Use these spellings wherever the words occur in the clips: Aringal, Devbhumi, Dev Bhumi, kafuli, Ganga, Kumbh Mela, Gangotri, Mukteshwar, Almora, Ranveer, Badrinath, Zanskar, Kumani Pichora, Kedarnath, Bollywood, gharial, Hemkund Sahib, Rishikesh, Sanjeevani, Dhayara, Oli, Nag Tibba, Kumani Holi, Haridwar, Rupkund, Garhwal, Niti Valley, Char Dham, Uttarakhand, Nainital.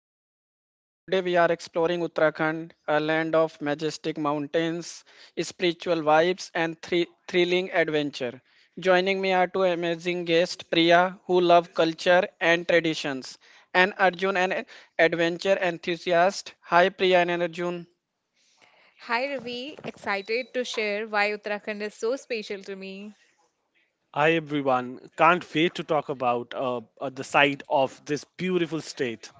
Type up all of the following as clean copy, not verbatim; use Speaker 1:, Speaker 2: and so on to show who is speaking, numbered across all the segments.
Speaker 1: Chronicles. Today we are exploring Uttarakhand, a land of majestic mountains, spiritual vibes, and thrilling adventure. Joining me are two amazing guests, Priya, who love culture and traditions, and Arjun, an adventure enthusiast. Hi, Priya and Arjun.
Speaker 2: Hi Ravi, excited to share why Uttarakhand is so special to me.
Speaker 3: Hi everyone, can't wait to talk about the site of this beautiful state.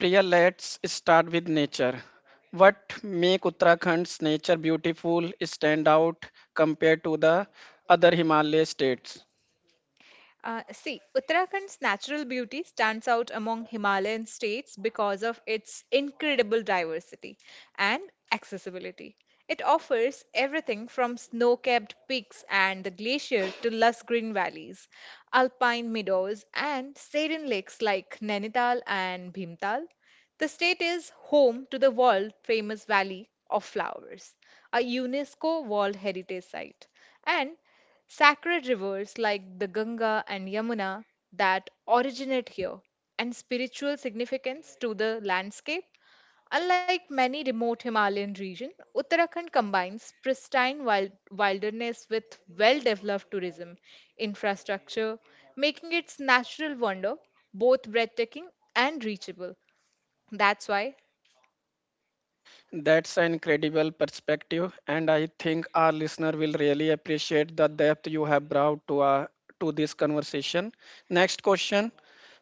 Speaker 1: Priya, let's start with nature. What make Uttarakhand's nature beautiful stand out compared to the other Himalaya states?
Speaker 2: See, Uttarakhand's natural beauty stands out among Himalayan states because of its incredible diversity and accessibility. It offers everything from snow capped peaks and the glacier to lush green valleys, alpine meadows, and saline lakes like Nainital and Bhimtal. The state is home to the world famous Valley of Flowers, a UNESCO World Heritage Site. And Sacred rivers like the Ganga and Yamuna that originate here, and spiritual significance to the landscape. Unlike many remote Himalayan regions, Uttarakhand combines wilderness with well developed tourism infrastructure, making its natural wonder both breathtaking and reachable. That's why,
Speaker 1: That's an incredible perspective, and I think our listener will really appreciate the depth you have brought to to this conversation. Next question: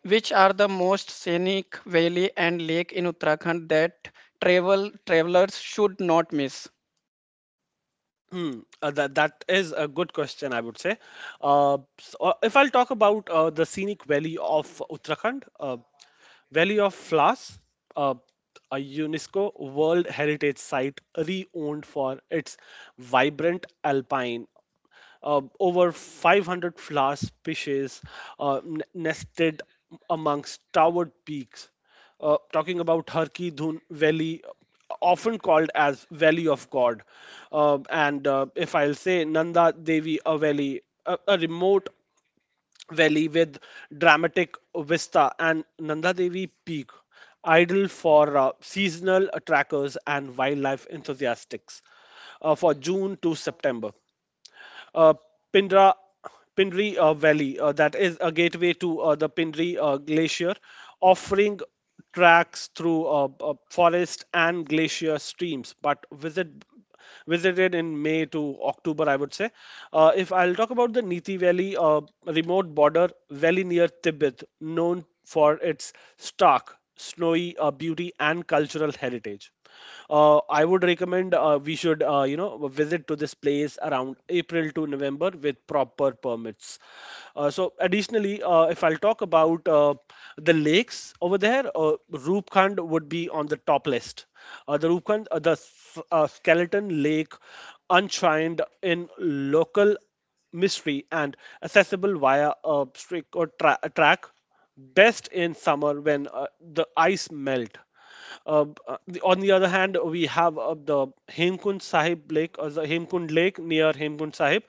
Speaker 1: which are the most scenic valley and lake in Uttarakhand that travelers should not miss?
Speaker 3: That is a good question, I would say. If I'll talk about the scenic valley of Uttarakhand, Valley of Flowers, uh, a UNESCO World Heritage Site re-owned for its vibrant alpine over 500 flower species nested amongst towered peaks. Talking about Harki Dhun Valley, often called as Valley of God. And If I'll say Nanda Devi a valley, a remote valley with dramatic vista, and Nanda Devi Peak, ideal for seasonal trackers and wildlife enthusiasts for June to September. Uh, Pindra Pindri Valley, that is a gateway to the Pindri Glacier, offering tracks through forest and glacier streams. But visited in May to October, I would say. If I'll talk about the Niti Valley, remote border valley near Tibet, known for its stark, snowy beauty and cultural heritage. I would recommend we should you know visit to this place around April to November with proper permits. So additionally, if I'll talk about the lakes over there, Rupkhand would be on the top list. The Rupkhand, skeleton lake, enshrined in local mystery and accessible via a streak or a track, best in summer when the ice melt. Uh, b- the- on the other hand, we have the Hemkund Sahib Lake, or the Hemkund Lake near Hemkund Sahib,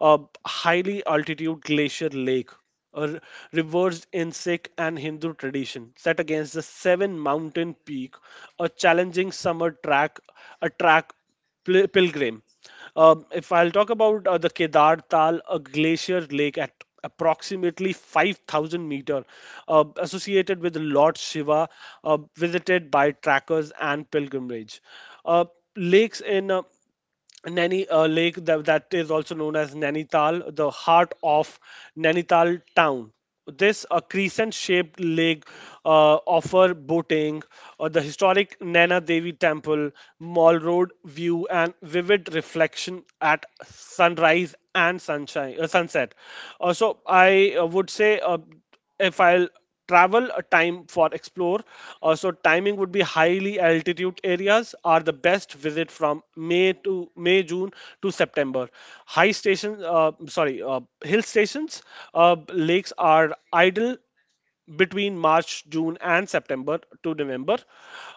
Speaker 3: a highly altitude glacier lake, a reversed in Sikh and Hindu tradition, set against the seven mountain peak, a challenging summer track, a track. Pilgrim. If I'll talk about the Kedar Tal, a glacier lake at approximately 5,000 meter, associated with Lord Shiva, visited by trackers and pilgrimage. Uh, Lakes in Naini Lake that is also known as Nainital, the heart of Nainital town. This a crescent-shaped lake offer boating, the historic Naina Devi Temple, Mall Road view, and vivid reflection at sunrise and sunshine sunset. So I would say if I'll travel time for explore so timing would be highly altitude areas are the best visit from may june to september. High station sorry hill stations lakes are idle between March, June, and September to November.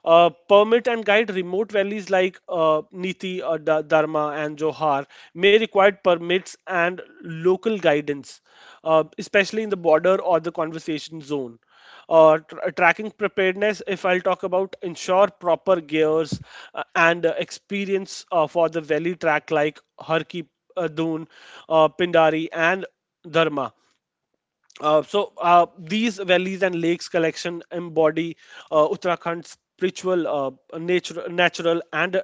Speaker 3: Permit and guide remote valleys like Niti, Dharma, and Johar may require permits and local guidance, especially in the border or the conversation zone. Tracking preparedness, if I'll talk about, ensure proper gears and experience for the valley track like Harki, Doon, Pindari, and Dharma. These valleys and lakes collection embody Uttarakhand's spiritual, natural, and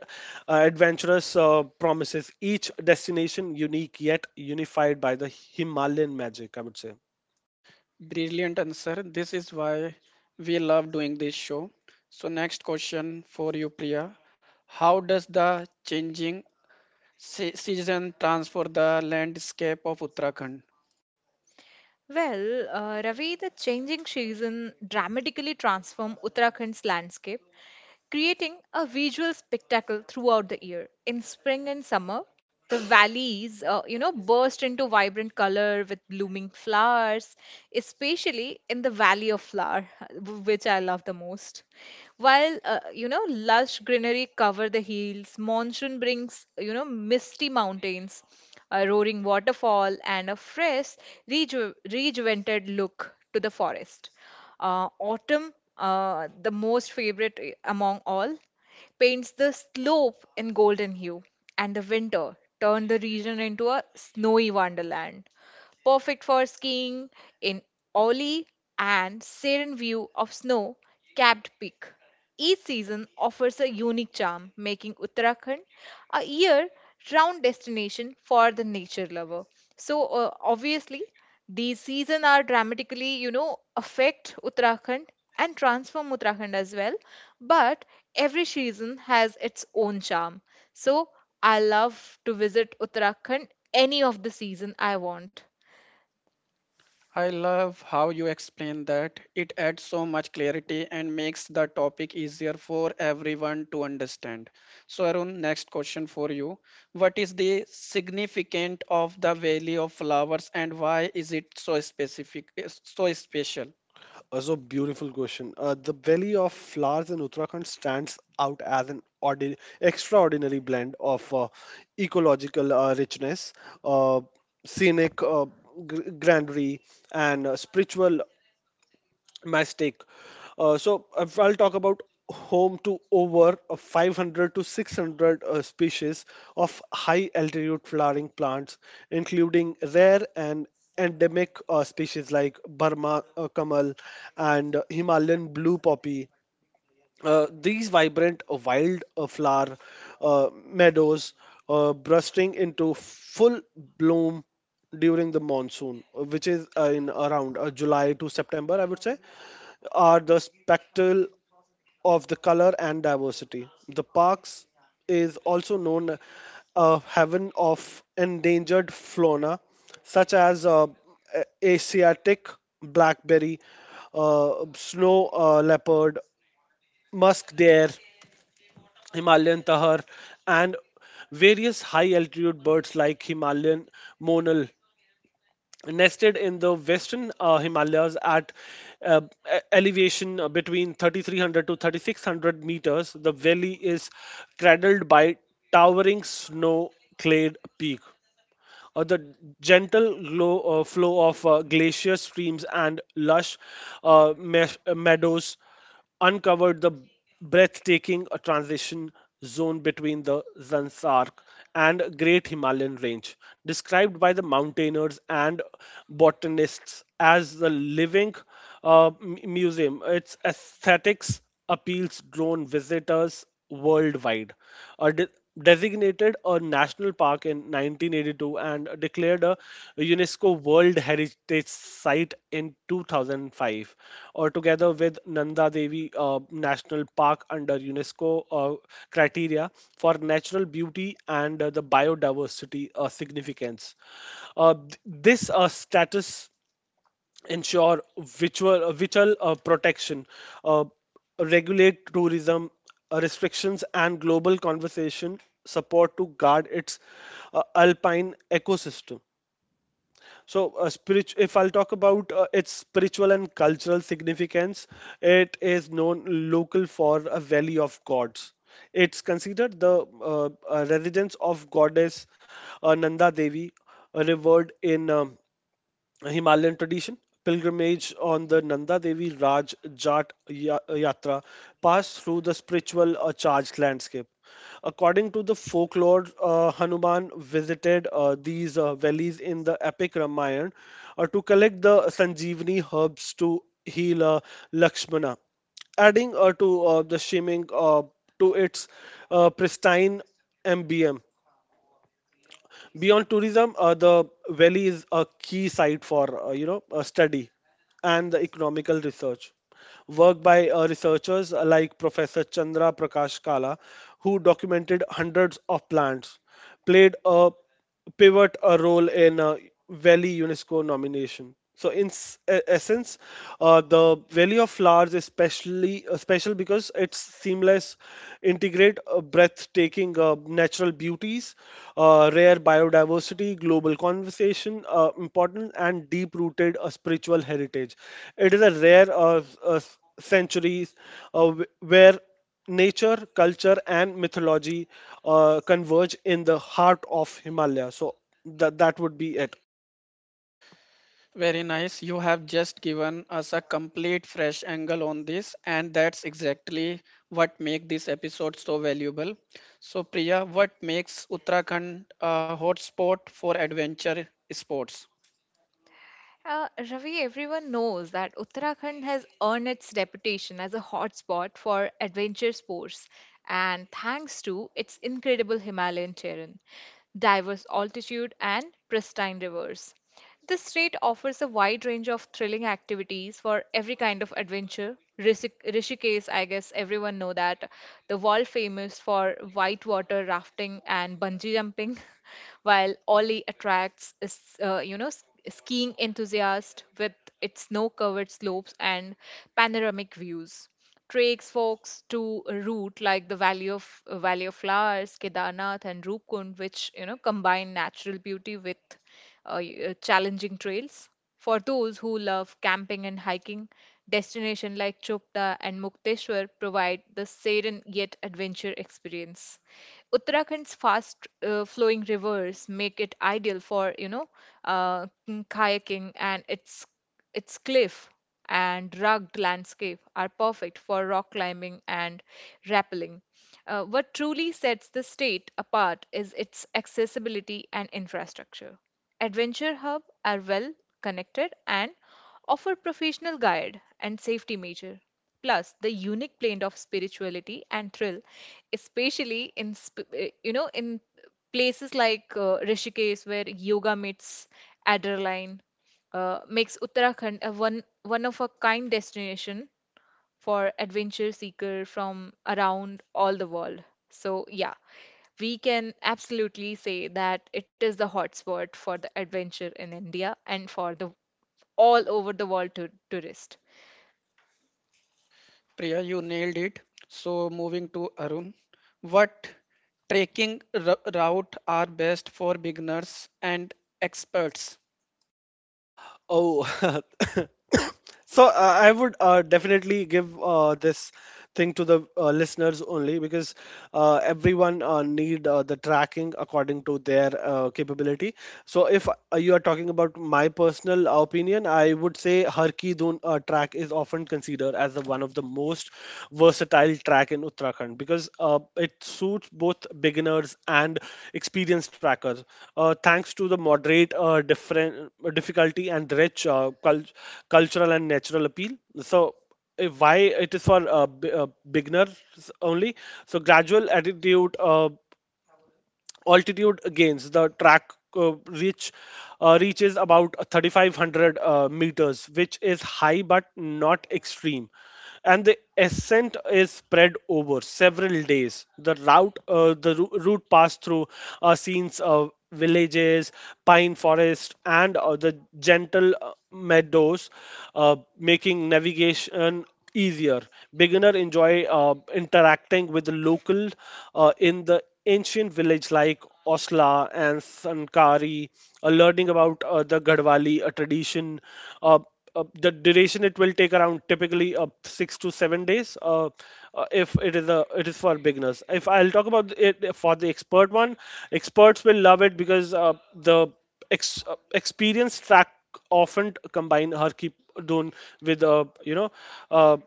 Speaker 3: adventurous promises. Each destination unique yet unified by the Himalayan magic, I would say.
Speaker 1: Brilliant answer. This is why we love doing this show. So, next question for you, Priya: how does the changing season transform the landscape of Uttarakhand?
Speaker 2: well, Ravi, the changing season dramatically transform Uttarakhand's landscape creating a visual spectacle throughout the year. In spring and summer, the valleys, you know, burst into vibrant color with blooming flowers, especially in the Valley of Flower, which I love the most. While lush greenery cover the hills, monsoon brings misty mountains, a roaring waterfall, and a fresh, rejuvenated look to the forest. Autumn, the most favorite among all, paints the slope in golden hue, and the winter turned the region into a snowy wonderland perfect for skiing in Oli and serene view of snow capped peak. Each season offers a unique charm, making Uttarakhand a year round destination for the nature lover. So, obviously, these seasons are dramatically affect Uttarakhand and transform Uttarakhand as well. But every season has its own charm. So, I love to visit Uttarakhand any of the season I want.
Speaker 1: I love how you explain that. It adds so much clarity and makes the topic easier for everyone to understand. So, Arun, next question for you. What is the significance of the Valley of Flowers and why is it so so special?
Speaker 3: So beautiful question. The Valley of Flowers in Uttarakhand stands out as extraordinary blend of ecological richness, uh, scenic grandeur, and spiritual mistake. So if I'll talk about home to over 500 to 600 species of high altitude flowering plants, including rare and endemic species like Burma kamal and Himalayan blue poppy. These vibrant wild flower meadows bursting into full bloom during the monsoon, which is in around July to September, I would say, are the spectacle of the color and diversity. The parks is also known a heaven of endangered fauna, such as Asiatic blackberry, snow leopard, musk deer, Himalayan tahar, and various high altitude birds like Himalayan monal nested in the western Himalayas at uh, elevation between 3300 to 3600 meters. The valley is cradled by towering snow clad peak. The gentle flow of glacier streams and lush meadows uncovered the breathtaking transition zone between the Zanskar and Great Himalayan Range, described by the mountaineers and botanists as the living museum. Its aesthetics appeals drawn visitors worldwide. A de- Designated a national park in 1982 and declared a UNESCO World Heritage Site in 2005, or together with Nanda Devi National Park under UNESCO criteria for natural beauty and the biodiversity significance. This status ensure vital protection, uh, regulate tourism restrictions, and global conversation support to guard its alpine ecosystem. So, if I'll talk about its spiritual and cultural significance, it is known local for a Valley of Gods. It's considered the residence of goddess Nanda Devi, revered in a Himalayan tradition. Pilgrimage on the Nanda Devi Raj Jat Yatra pass through the spiritual charged landscape. According to the folklore, Hanuman visited these valleys in the epic Ramayana to collect the Sanjeevani herbs to heal Lakshmana, adding to the shimming to its pristine MBM. Beyond tourism, the valley is a key site for you know study and the economical research. Work by researchers like Professor Chandra Prakash Kala, who documented hundreds of plants, played a pivot a role in Valley UNESCO nomination. So in essence, the Valley of Flowers is specially special because it's seamless, integrate breathtaking natural beauties, rare biodiversity, global conversation, important and deep-rooted spiritual heritage. It is a rare centuries where nature, culture, and mythology converge in the heart of Himalaya. So that would be it.
Speaker 1: Very nice. You have just given us a complete fresh angle on this, and that's exactly what makes this episode so valuable. So, Priya, what makes Uttarakhand a hotspot for adventure sports?
Speaker 2: Ravi, everyone knows that Uttarakhand has earned its reputation as a hotspot for adventure sports, and thanks to its incredible Himalayan terrain, diverse altitude, and pristine rivers. This state offers a wide range of thrilling activities for every kind of adventure. Rishikesh, I guess everyone know that, the world famous for whitewater rafting and bungee jumping, while Oli attracts skiing enthusiast with its snow covered slopes and panoramic views. Treks folks to a route like the Valley of Flowers, Kedarnath, and Rupkund, which you know combine natural beauty with challenging trails. For those who love camping and hiking, destinations like Chopta and Mukteshwar provide the serene yet adventure experience. Uttarakhand's fast flowing rivers make it ideal for kayaking, and its cliff and rugged landscape are perfect for rock climbing and rappelling. What truly sets the state apart is its accessibility and infrastructure. Adventure Hub are well connected and offer professional guide and safety measure. Plus, the unique blend of spirituality and thrill, especially in places like Rishikesh where yoga meets adrenaline, makes Uttarakhand a one of a kind destination for adventure seeker from around all the world. So yeah, we can absolutely say that it is the hotspot for the adventure in India and for the all over the world to tourist.
Speaker 1: Priya, you nailed it. So, moving to Arun, what trekking route are best for beginners and experts?
Speaker 3: Oh, I would definitely give this thing to the listeners only because everyone need the tracking according to their capability. So if you are talking about my personal opinion, I would say Har Ki Dhun track is often considered as the one of the most versatile track in Uttarakhand because it suits both beginners and experienced trackers. Thanks to the moderate different difficulty and rich cultural and natural appeal. So why it is for beginners only, so gradual attitude altitude gains. The track reaches about 3500 meters which is high but not extreme, and the ascent is spread over several days. The route passed through scenes of villages, pine forest, and the gentle meadows, making navigation easier. Beginner enjoy interacting with the local in the ancient village like Osla and Sankari, learning about the Gadwali, a tradition. Uh, the duration it will take around typically 6 to 7 days. If it is a It is for beginners. If I'll talk about it for the expert one, experts will love it because experienced track often combine Harki Dun with you know. Uh,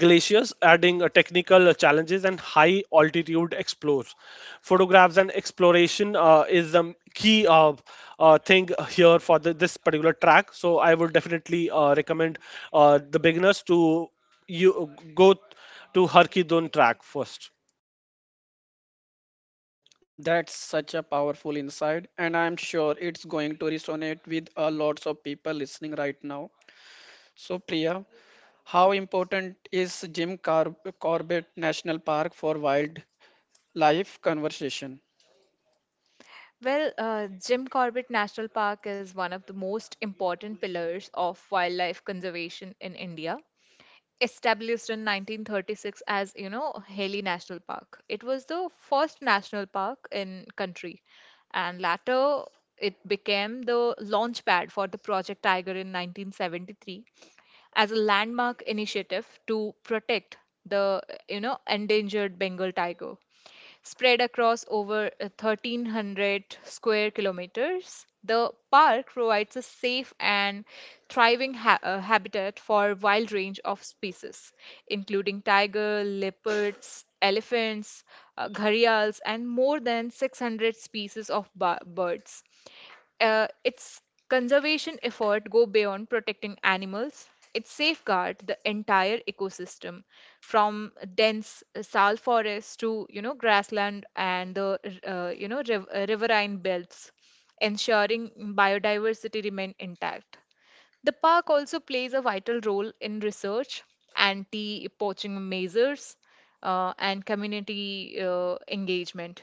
Speaker 3: Glaciers, adding technical challenges and high altitude explores. Photographs and exploration is the key thing here for this particular track. So I would definitely recommend the beginners to you go to Harki Dun track first.
Speaker 1: That's such a powerful insight, and I'm sure it's going to resonate with a lots of people listening right now. So, Priya, how important is Corbett National Park for wildlife conservation?
Speaker 2: Jim Corbett National Park is one of the most important pillars of wildlife conservation in India. Established in 1936 as you know Haley National Park, it was the first national park in country, and later it became the launch pad for the Project Tiger in 1973 as a landmark initiative to protect the you know endangered Bengal tiger. Spread across over 1,300 square kilometers, the park provides a safe and thriving habitat for a wide range of species, including tiger, leopards, elephants, gharials, and more than 600 species of birds. Its conservation effort go beyond protecting animals. It safeguard the entire ecosystem from dense sal forest to you know grassland and the riverine belts, ensuring biodiversity remain intact. The park also plays a vital role in research, anti poaching measures, and community engagement,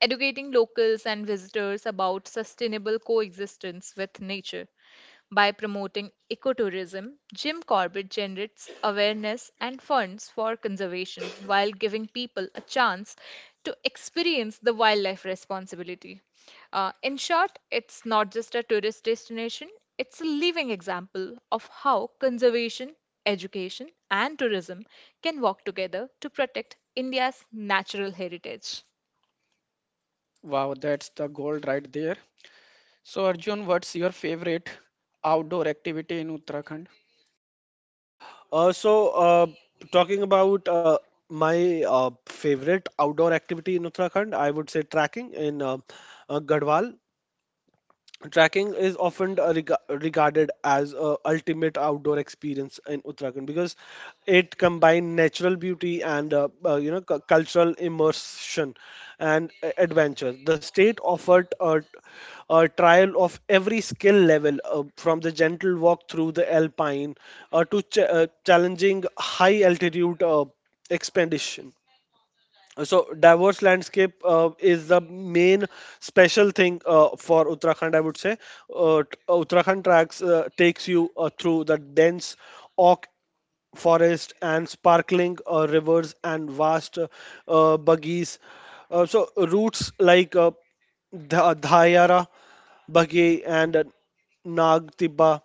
Speaker 2: educating locals and visitors about sustainable coexistence with nature. By promoting ecotourism, Jim Corbett generates awareness and funds for conservation while giving people a chance to experience the wildlife responsibility. In short, it's not just a tourist destination, it's a living example of how conservation, education, and tourism can work together to protect India's natural heritage.
Speaker 1: Wow, that's the gold right there. So, Arjun, what's your favorite outdoor activity in Uttarakhand?
Speaker 3: Uh, so, uh, Talking about my favorite outdoor activity in Uttarakhand, I would say tracking in Garhwal. Tracking is often regarded as a ultimate outdoor experience in Uttarakhand because it combines natural beauty and you know cultural immersion and adventure. The state offered a trial of every skill level, from the gentle walk through the alpine to challenging high altitude expedition. So diverse landscape is the main special thing for Uttarakhand, I would say. Uttarakhand tracks takes you through the dense oak forest and sparkling rivers and vast buggies. So routes like Dhayara, Bagi, and Nag Tibba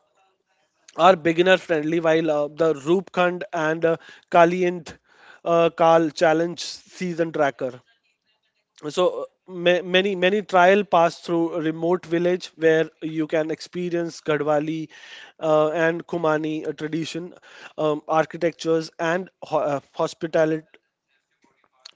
Speaker 3: are beginner friendly, while the Rupkhand and Kalient Kal Challenge Season Tracker. Many trial pass through a remote village where you can experience Gadwali and Kumani tradition, architectures and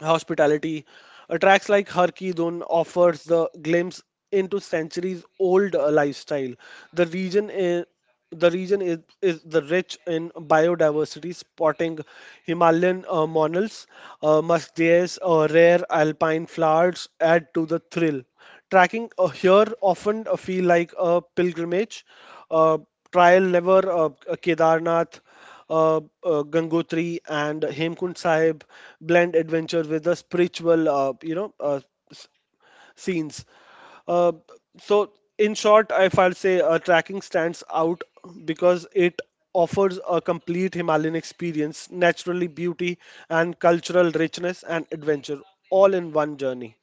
Speaker 3: hospitality. Tracks like Har Ki Dhun offers the glimpse into centuries old lifestyle. The region is the region is the rich in biodiversity, spotting Himalayan monals, muscadines, rare alpine flowers add to the thrill. Tracking here often feel like a pilgrimage. Uh, Trial never Kedarnath uh, Gangotri and Hemkund Sahib blend adventure with the spiritual, s- scenes. Uh, so, in short, if I'll say tracking stands out because it offers a complete Himalayan experience, naturally beauty and cultural richness and adventure all in one journey.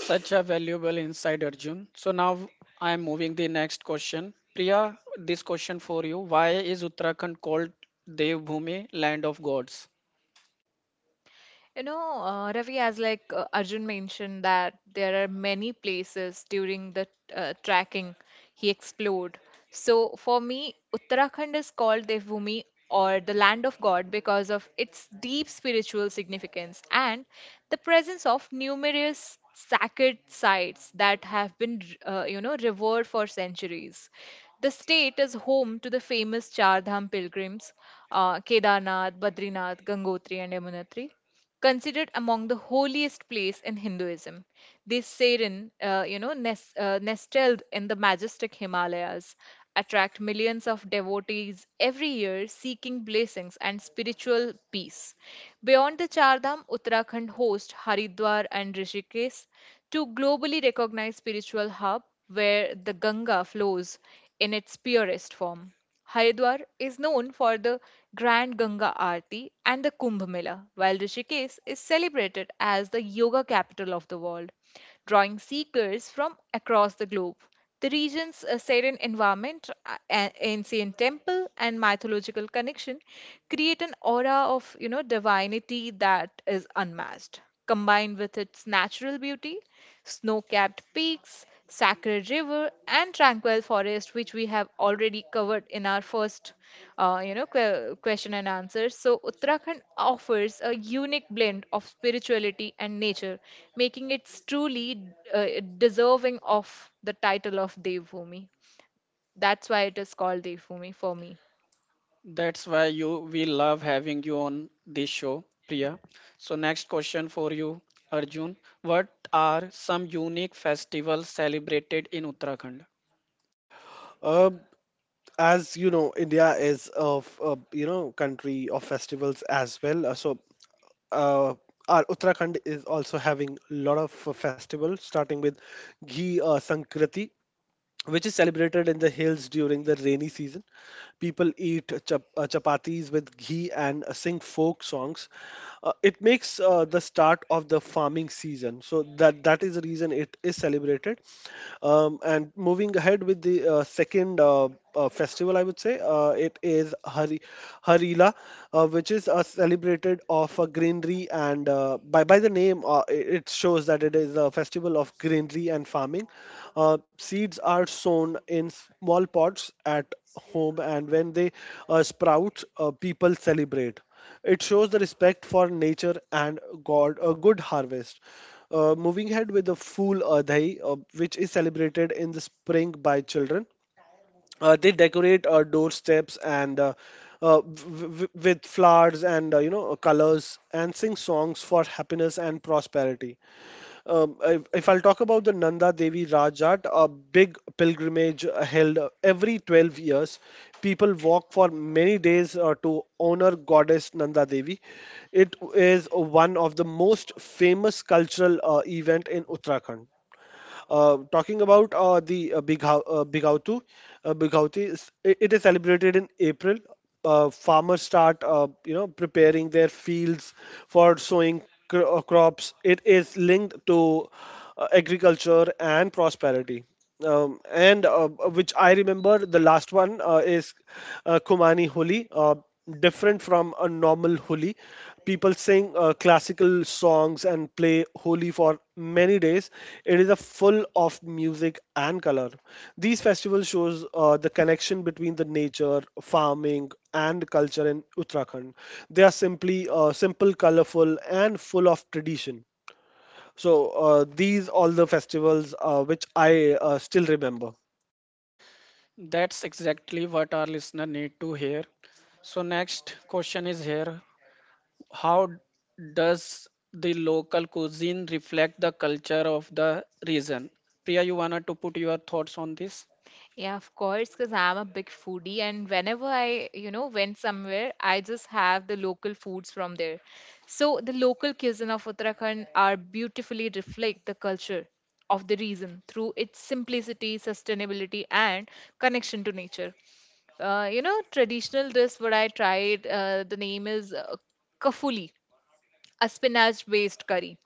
Speaker 1: Such a valuable insight, Arjun. So, now I am moving the next question. Priya, this question for you. Why is Uttarakhand called Dev Bhumi, land of gods?
Speaker 2: Ravi, as like Arjun mentioned, that there are many places during the tracking he explored. So for me, Uttarakhand is called Devbhumi or the land of God because of its deep spiritual significance and the presence of numerous sacred sites that have been, revered for centuries. The state is home to the famous Char Dham pilgrims, Kedarnath, Badrinath, Gangotri, and Yamunotri considered among the holiest place in Hinduism. This Sarin, nestled in the majestic Himalayas, attract millions of devotees every year seeking blessings and spiritual peace. Beyond the Chardham, Uttarakhand hosts Haridwar and Rishikesh, two globally recognized spiritual hubs where the Ganga flows in its purest form. Haridwar is known for the Grand Ganga Aarti and the Kumbh Mela, while Rishikesh is celebrated as the yoga capital of the world, drawing seekers from across the globe. The region's serene environment, ancient temple, and mythological connection create an aura of you know divinity that is unmatched. Combined with its natural beauty, snow-capped peaks, Sacred River, and Tranquil Forest, which we have already covered in our first, question and answer. So Uttarakhand offers a unique blend of spirituality and nature, making it truly uh, deserving of the title of Devbhumi. That's why it is called Devbhumi for me.
Speaker 1: That's why you we love having you on this show, Priya. So next question for you, Arjun. What are some unique festivals celebrated in Uttarakhand?
Speaker 3: Uh, as you know, india is of country of festivals as well. Uh, our uttarakhand is also having a lot of festivals, starting with ghee sankrati, which is celebrated in the hills during the rainy season. People eat chapatis with ghee and sing folk songs. It makes the start of the farming season, so that is the reason it is celebrated. And moving ahead with the second festival, I would say. It is Hari, Harila, which is celebrated of greenery and by the name, it shows that it is a festival of greenery and farming. Seeds are sown in small pots at home, and when they sprout, people celebrate. It shows the respect for nature and God, a good harvest. Moving ahead with the Fool Adhai, which is celebrated in the spring by children. They decorate doorsteps and with flowers and colors, and sing songs for happiness and prosperity. If if, I'll talk about the Nanda Devi Rajat, a big pilgrimage held every 12 years, people walk for many days to honor goddess Nanda Devi. It is one of the most famous cultural event in Uttarakhand. Talking about the Bigautu, Bigauti, it, it is celebrated in April. Farmers start, preparing their fields for sowing crops. It is linked to agriculture and prosperity. And which I remember, the last one is Kumani Holi, different from a normal Holi. People sing classical songs and play Holi for many days. It is a full of music and color. These festivals shows the connection between the nature, farming, and culture in Uttarakhand. They are simply simple, colorful, and full of tradition. So these all the festivals which I still remember.
Speaker 1: That's exactly what our listener need to hear. So next question is here. How does the local cuisine reflect the culture of the region? Priya, you wanna to put your thoughts on this?
Speaker 2: Yeah, of course, because I'm a big foodie, and whenever I, you know, went somewhere, I just have the local foods from there. So the local cuisine of Uttarakhand are beautifully reflect the culture of the region through its simplicity, sustainability, and connection to nature. Traditional dish what I tried, the name is kafuli, a spinach based curry.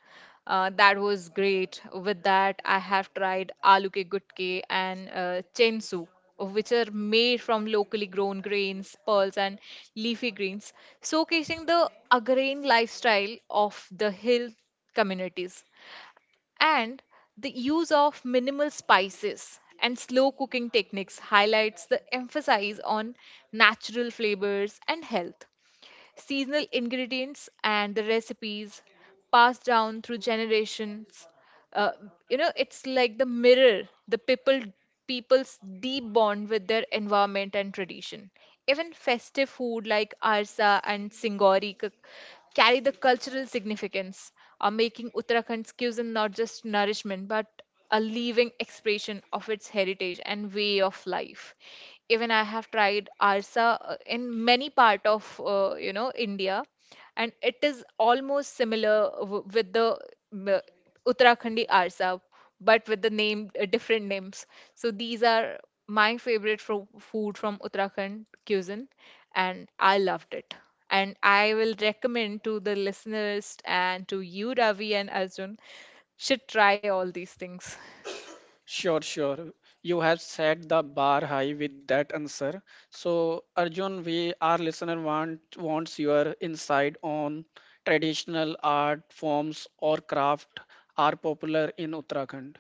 Speaker 2: That was great. With that, I have tried aloo ke gutke and chensu, which are made from locally grown grains, pearls, and leafy greens, showcasing the agrarian lifestyle of the hill communities. And the use of minimal spices and slow cooking techniques highlights the emphasis on natural flavors and health seasonal ingredients, and the recipes passed down through generations. uh, it's like the mirror the people's deep bond with their environment and tradition. Even festive food like arsa and carry the cultural significance, are making uttarakhand cuisine not just nourishment but a living expression of its heritage and way of life. Even I have tried arsa in many part of india, and it is almost similar with the m- Uttarakhandi Arsa, but with the name different names. So these are my favorite food from Uttarakhand cuisine, and I loved it. And I will recommend to the listeners and to you, Ravi and Arjun, should try all these things.
Speaker 1: Sure, sure.
Speaker 3: Uh,
Speaker 1: You have set the bar high with that answer. So, Arjun, we our listener wants your insight on traditional art forms or craft are popular in Uttarakhand.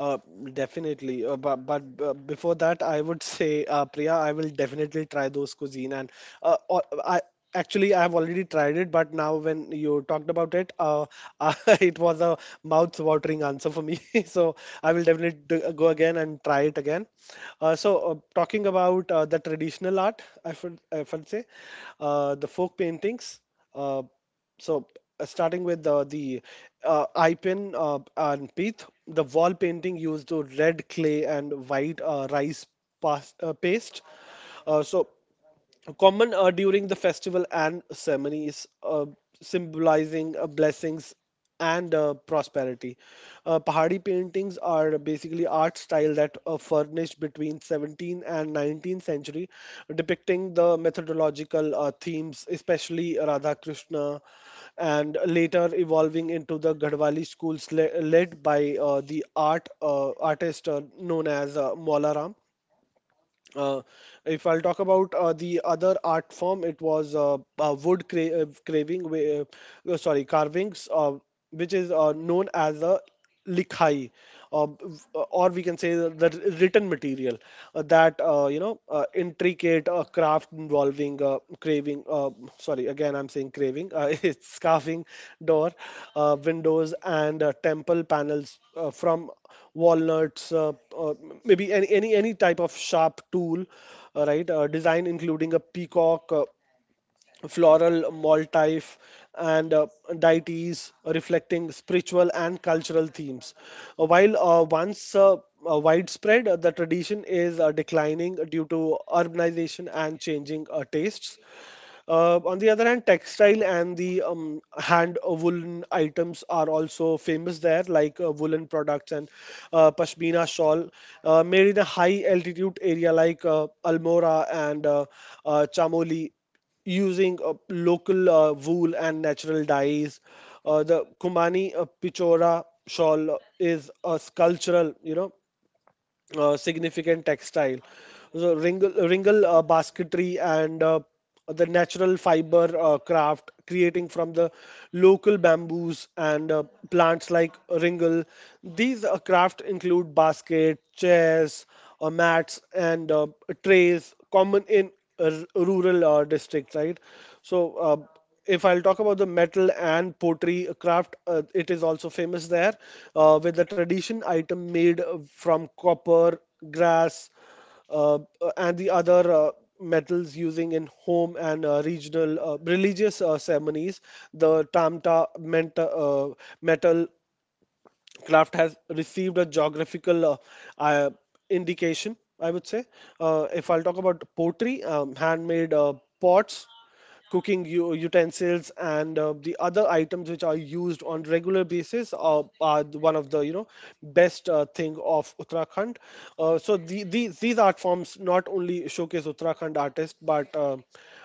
Speaker 3: uh, Definitely. But before that, I would say, Priya, I will definitely try those cuisine. And I actually I have already tried it, but now when you talked about it, uh, it was a mouth-watering answer for me. So I will definitely go again and try it again. Talking about the traditional art, I would say the folk paintings. Uh, So starting with the eye pin and pith, the wall painting used to red clay and white rice paste. Uh, so Common during the festival and ceremonies, symbolizing blessings and prosperity. Pahari paintings are basically art style that furnished between 17th and 19th century, depicting the methodological themes, especially Radha Krishna, and later evolving into the Gadwali schools led by the artist known as Mola. uh, if I'll talk about the other art form, it was wood cra- craving, wh- sorry, carvings, which is known as the likhai, or we can say the written material that intricate a craft involving craving. Sorry, again I'm saying craving. It's scarfing door, windows, and temple panels from walnuts. Uh, Maybe any type of sharp tool, right? Design including a peacock. Floral motif and deities reflecting spiritual and cultural themes. While once widespread, the tradition is declining due to urbanization and changing tastes. On the other hand, textile and the hand woolen items are also famous there, like woolen products and pashmina shawl, made in a high altitude area like Almora and Chamoli, using local wool and natural dyes. The Kumani Pichora shawl is a sculptural, significant textile. So wringle basketry and the natural fiber craft creating from the local bamboos and plants like wringle. These craft include basket, chairs, mats, and trays common in uh, rural districts, right? So. If I'll talk about the metal and pottery craft, it is also famous there, with the tradition item made from copper, grass, uh, uh, and the other metals using in home and regional religious ceremonies. The tamta meant, metal craft has received a geographical uh, indication, I would say. If I'll talk about pottery, handmade pots, cooking utensils, and the other items which are used on regular basis are, one of the best thing of uttarakhand. These art forms not only showcase Uttarakhand artists, but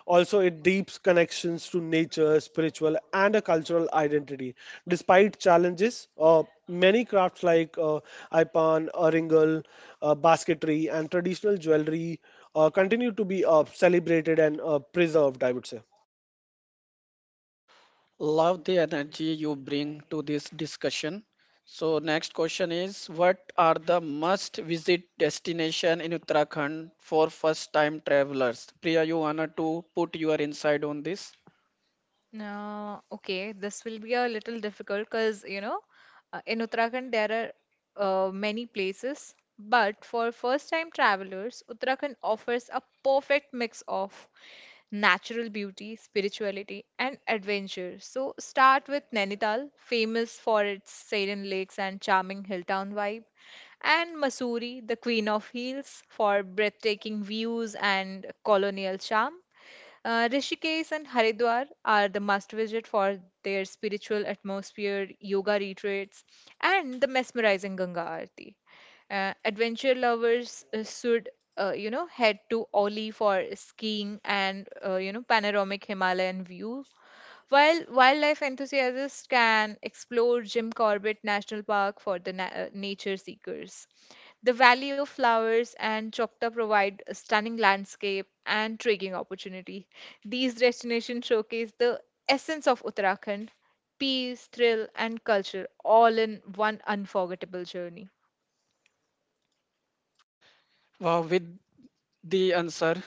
Speaker 3: also it deeps connections to nature, spiritual, and a cultural identity. Despite challenges, many crafts like Ipan, Aringal, basketry, and traditional jewelry continue to be celebrated and preserved, I would say.
Speaker 1: Love the energy you bring to this discussion. So, next question is, what are the must-visit destination in Uttarakhand for first-time travelers? Priya, you wanna to put your insight on this?
Speaker 2: No, okay, this will be a little difficult because in Uttarakhand there are many places, but for first-time travelers, Uttarakhand offers a perfect mix of natural beauty, spirituality, and adventure. So start with Nainital, famous for its serene lakes and charming hill town vibe, and Mussoorie, the queen of hills, for breathtaking views and colonial charm. Rishikesh and Haridwar are the must visit for their spiritual atmosphere, yoga retreats, and the mesmerizing Ganga Aarti. Adventure lovers should head to Oli for skiing and, panoramic Himalayan view, while wildlife enthusiasts can explore Jim Corbett National Park for the nature seekers. The Valley of Flowers and Choctaw provide a stunning landscape and trekking opportunity. These destinations showcase the essence of Uttarakhand, peace, thrill, and culture all in one unforgettable journey.
Speaker 1: Wow, with the answer.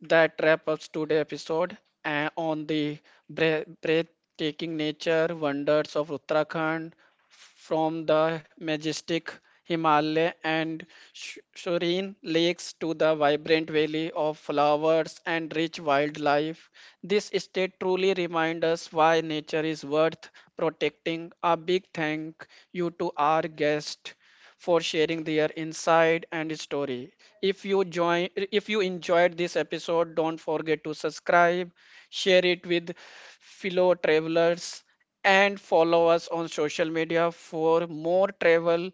Speaker 1: That wraps up today's episode on the breathtaking nature wonders of Uttarakhand, from the majestic Himalaya and serene lakes to the vibrant valley of flowers and rich wildlife. This state truly reminds us why nature is worth protecting. A big thank you to our guest for sharing their insight and story. If you join if you enjoyed this episode, don't forget to subscribe, share it with fellow travelers and follow us on social media for more travel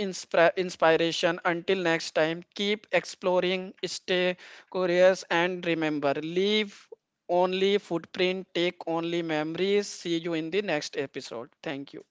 Speaker 1: inspiration. Until next time, keep exploring, stay curious, and remember, leave only footprint, take only memories. See you in the next episode. Thank you.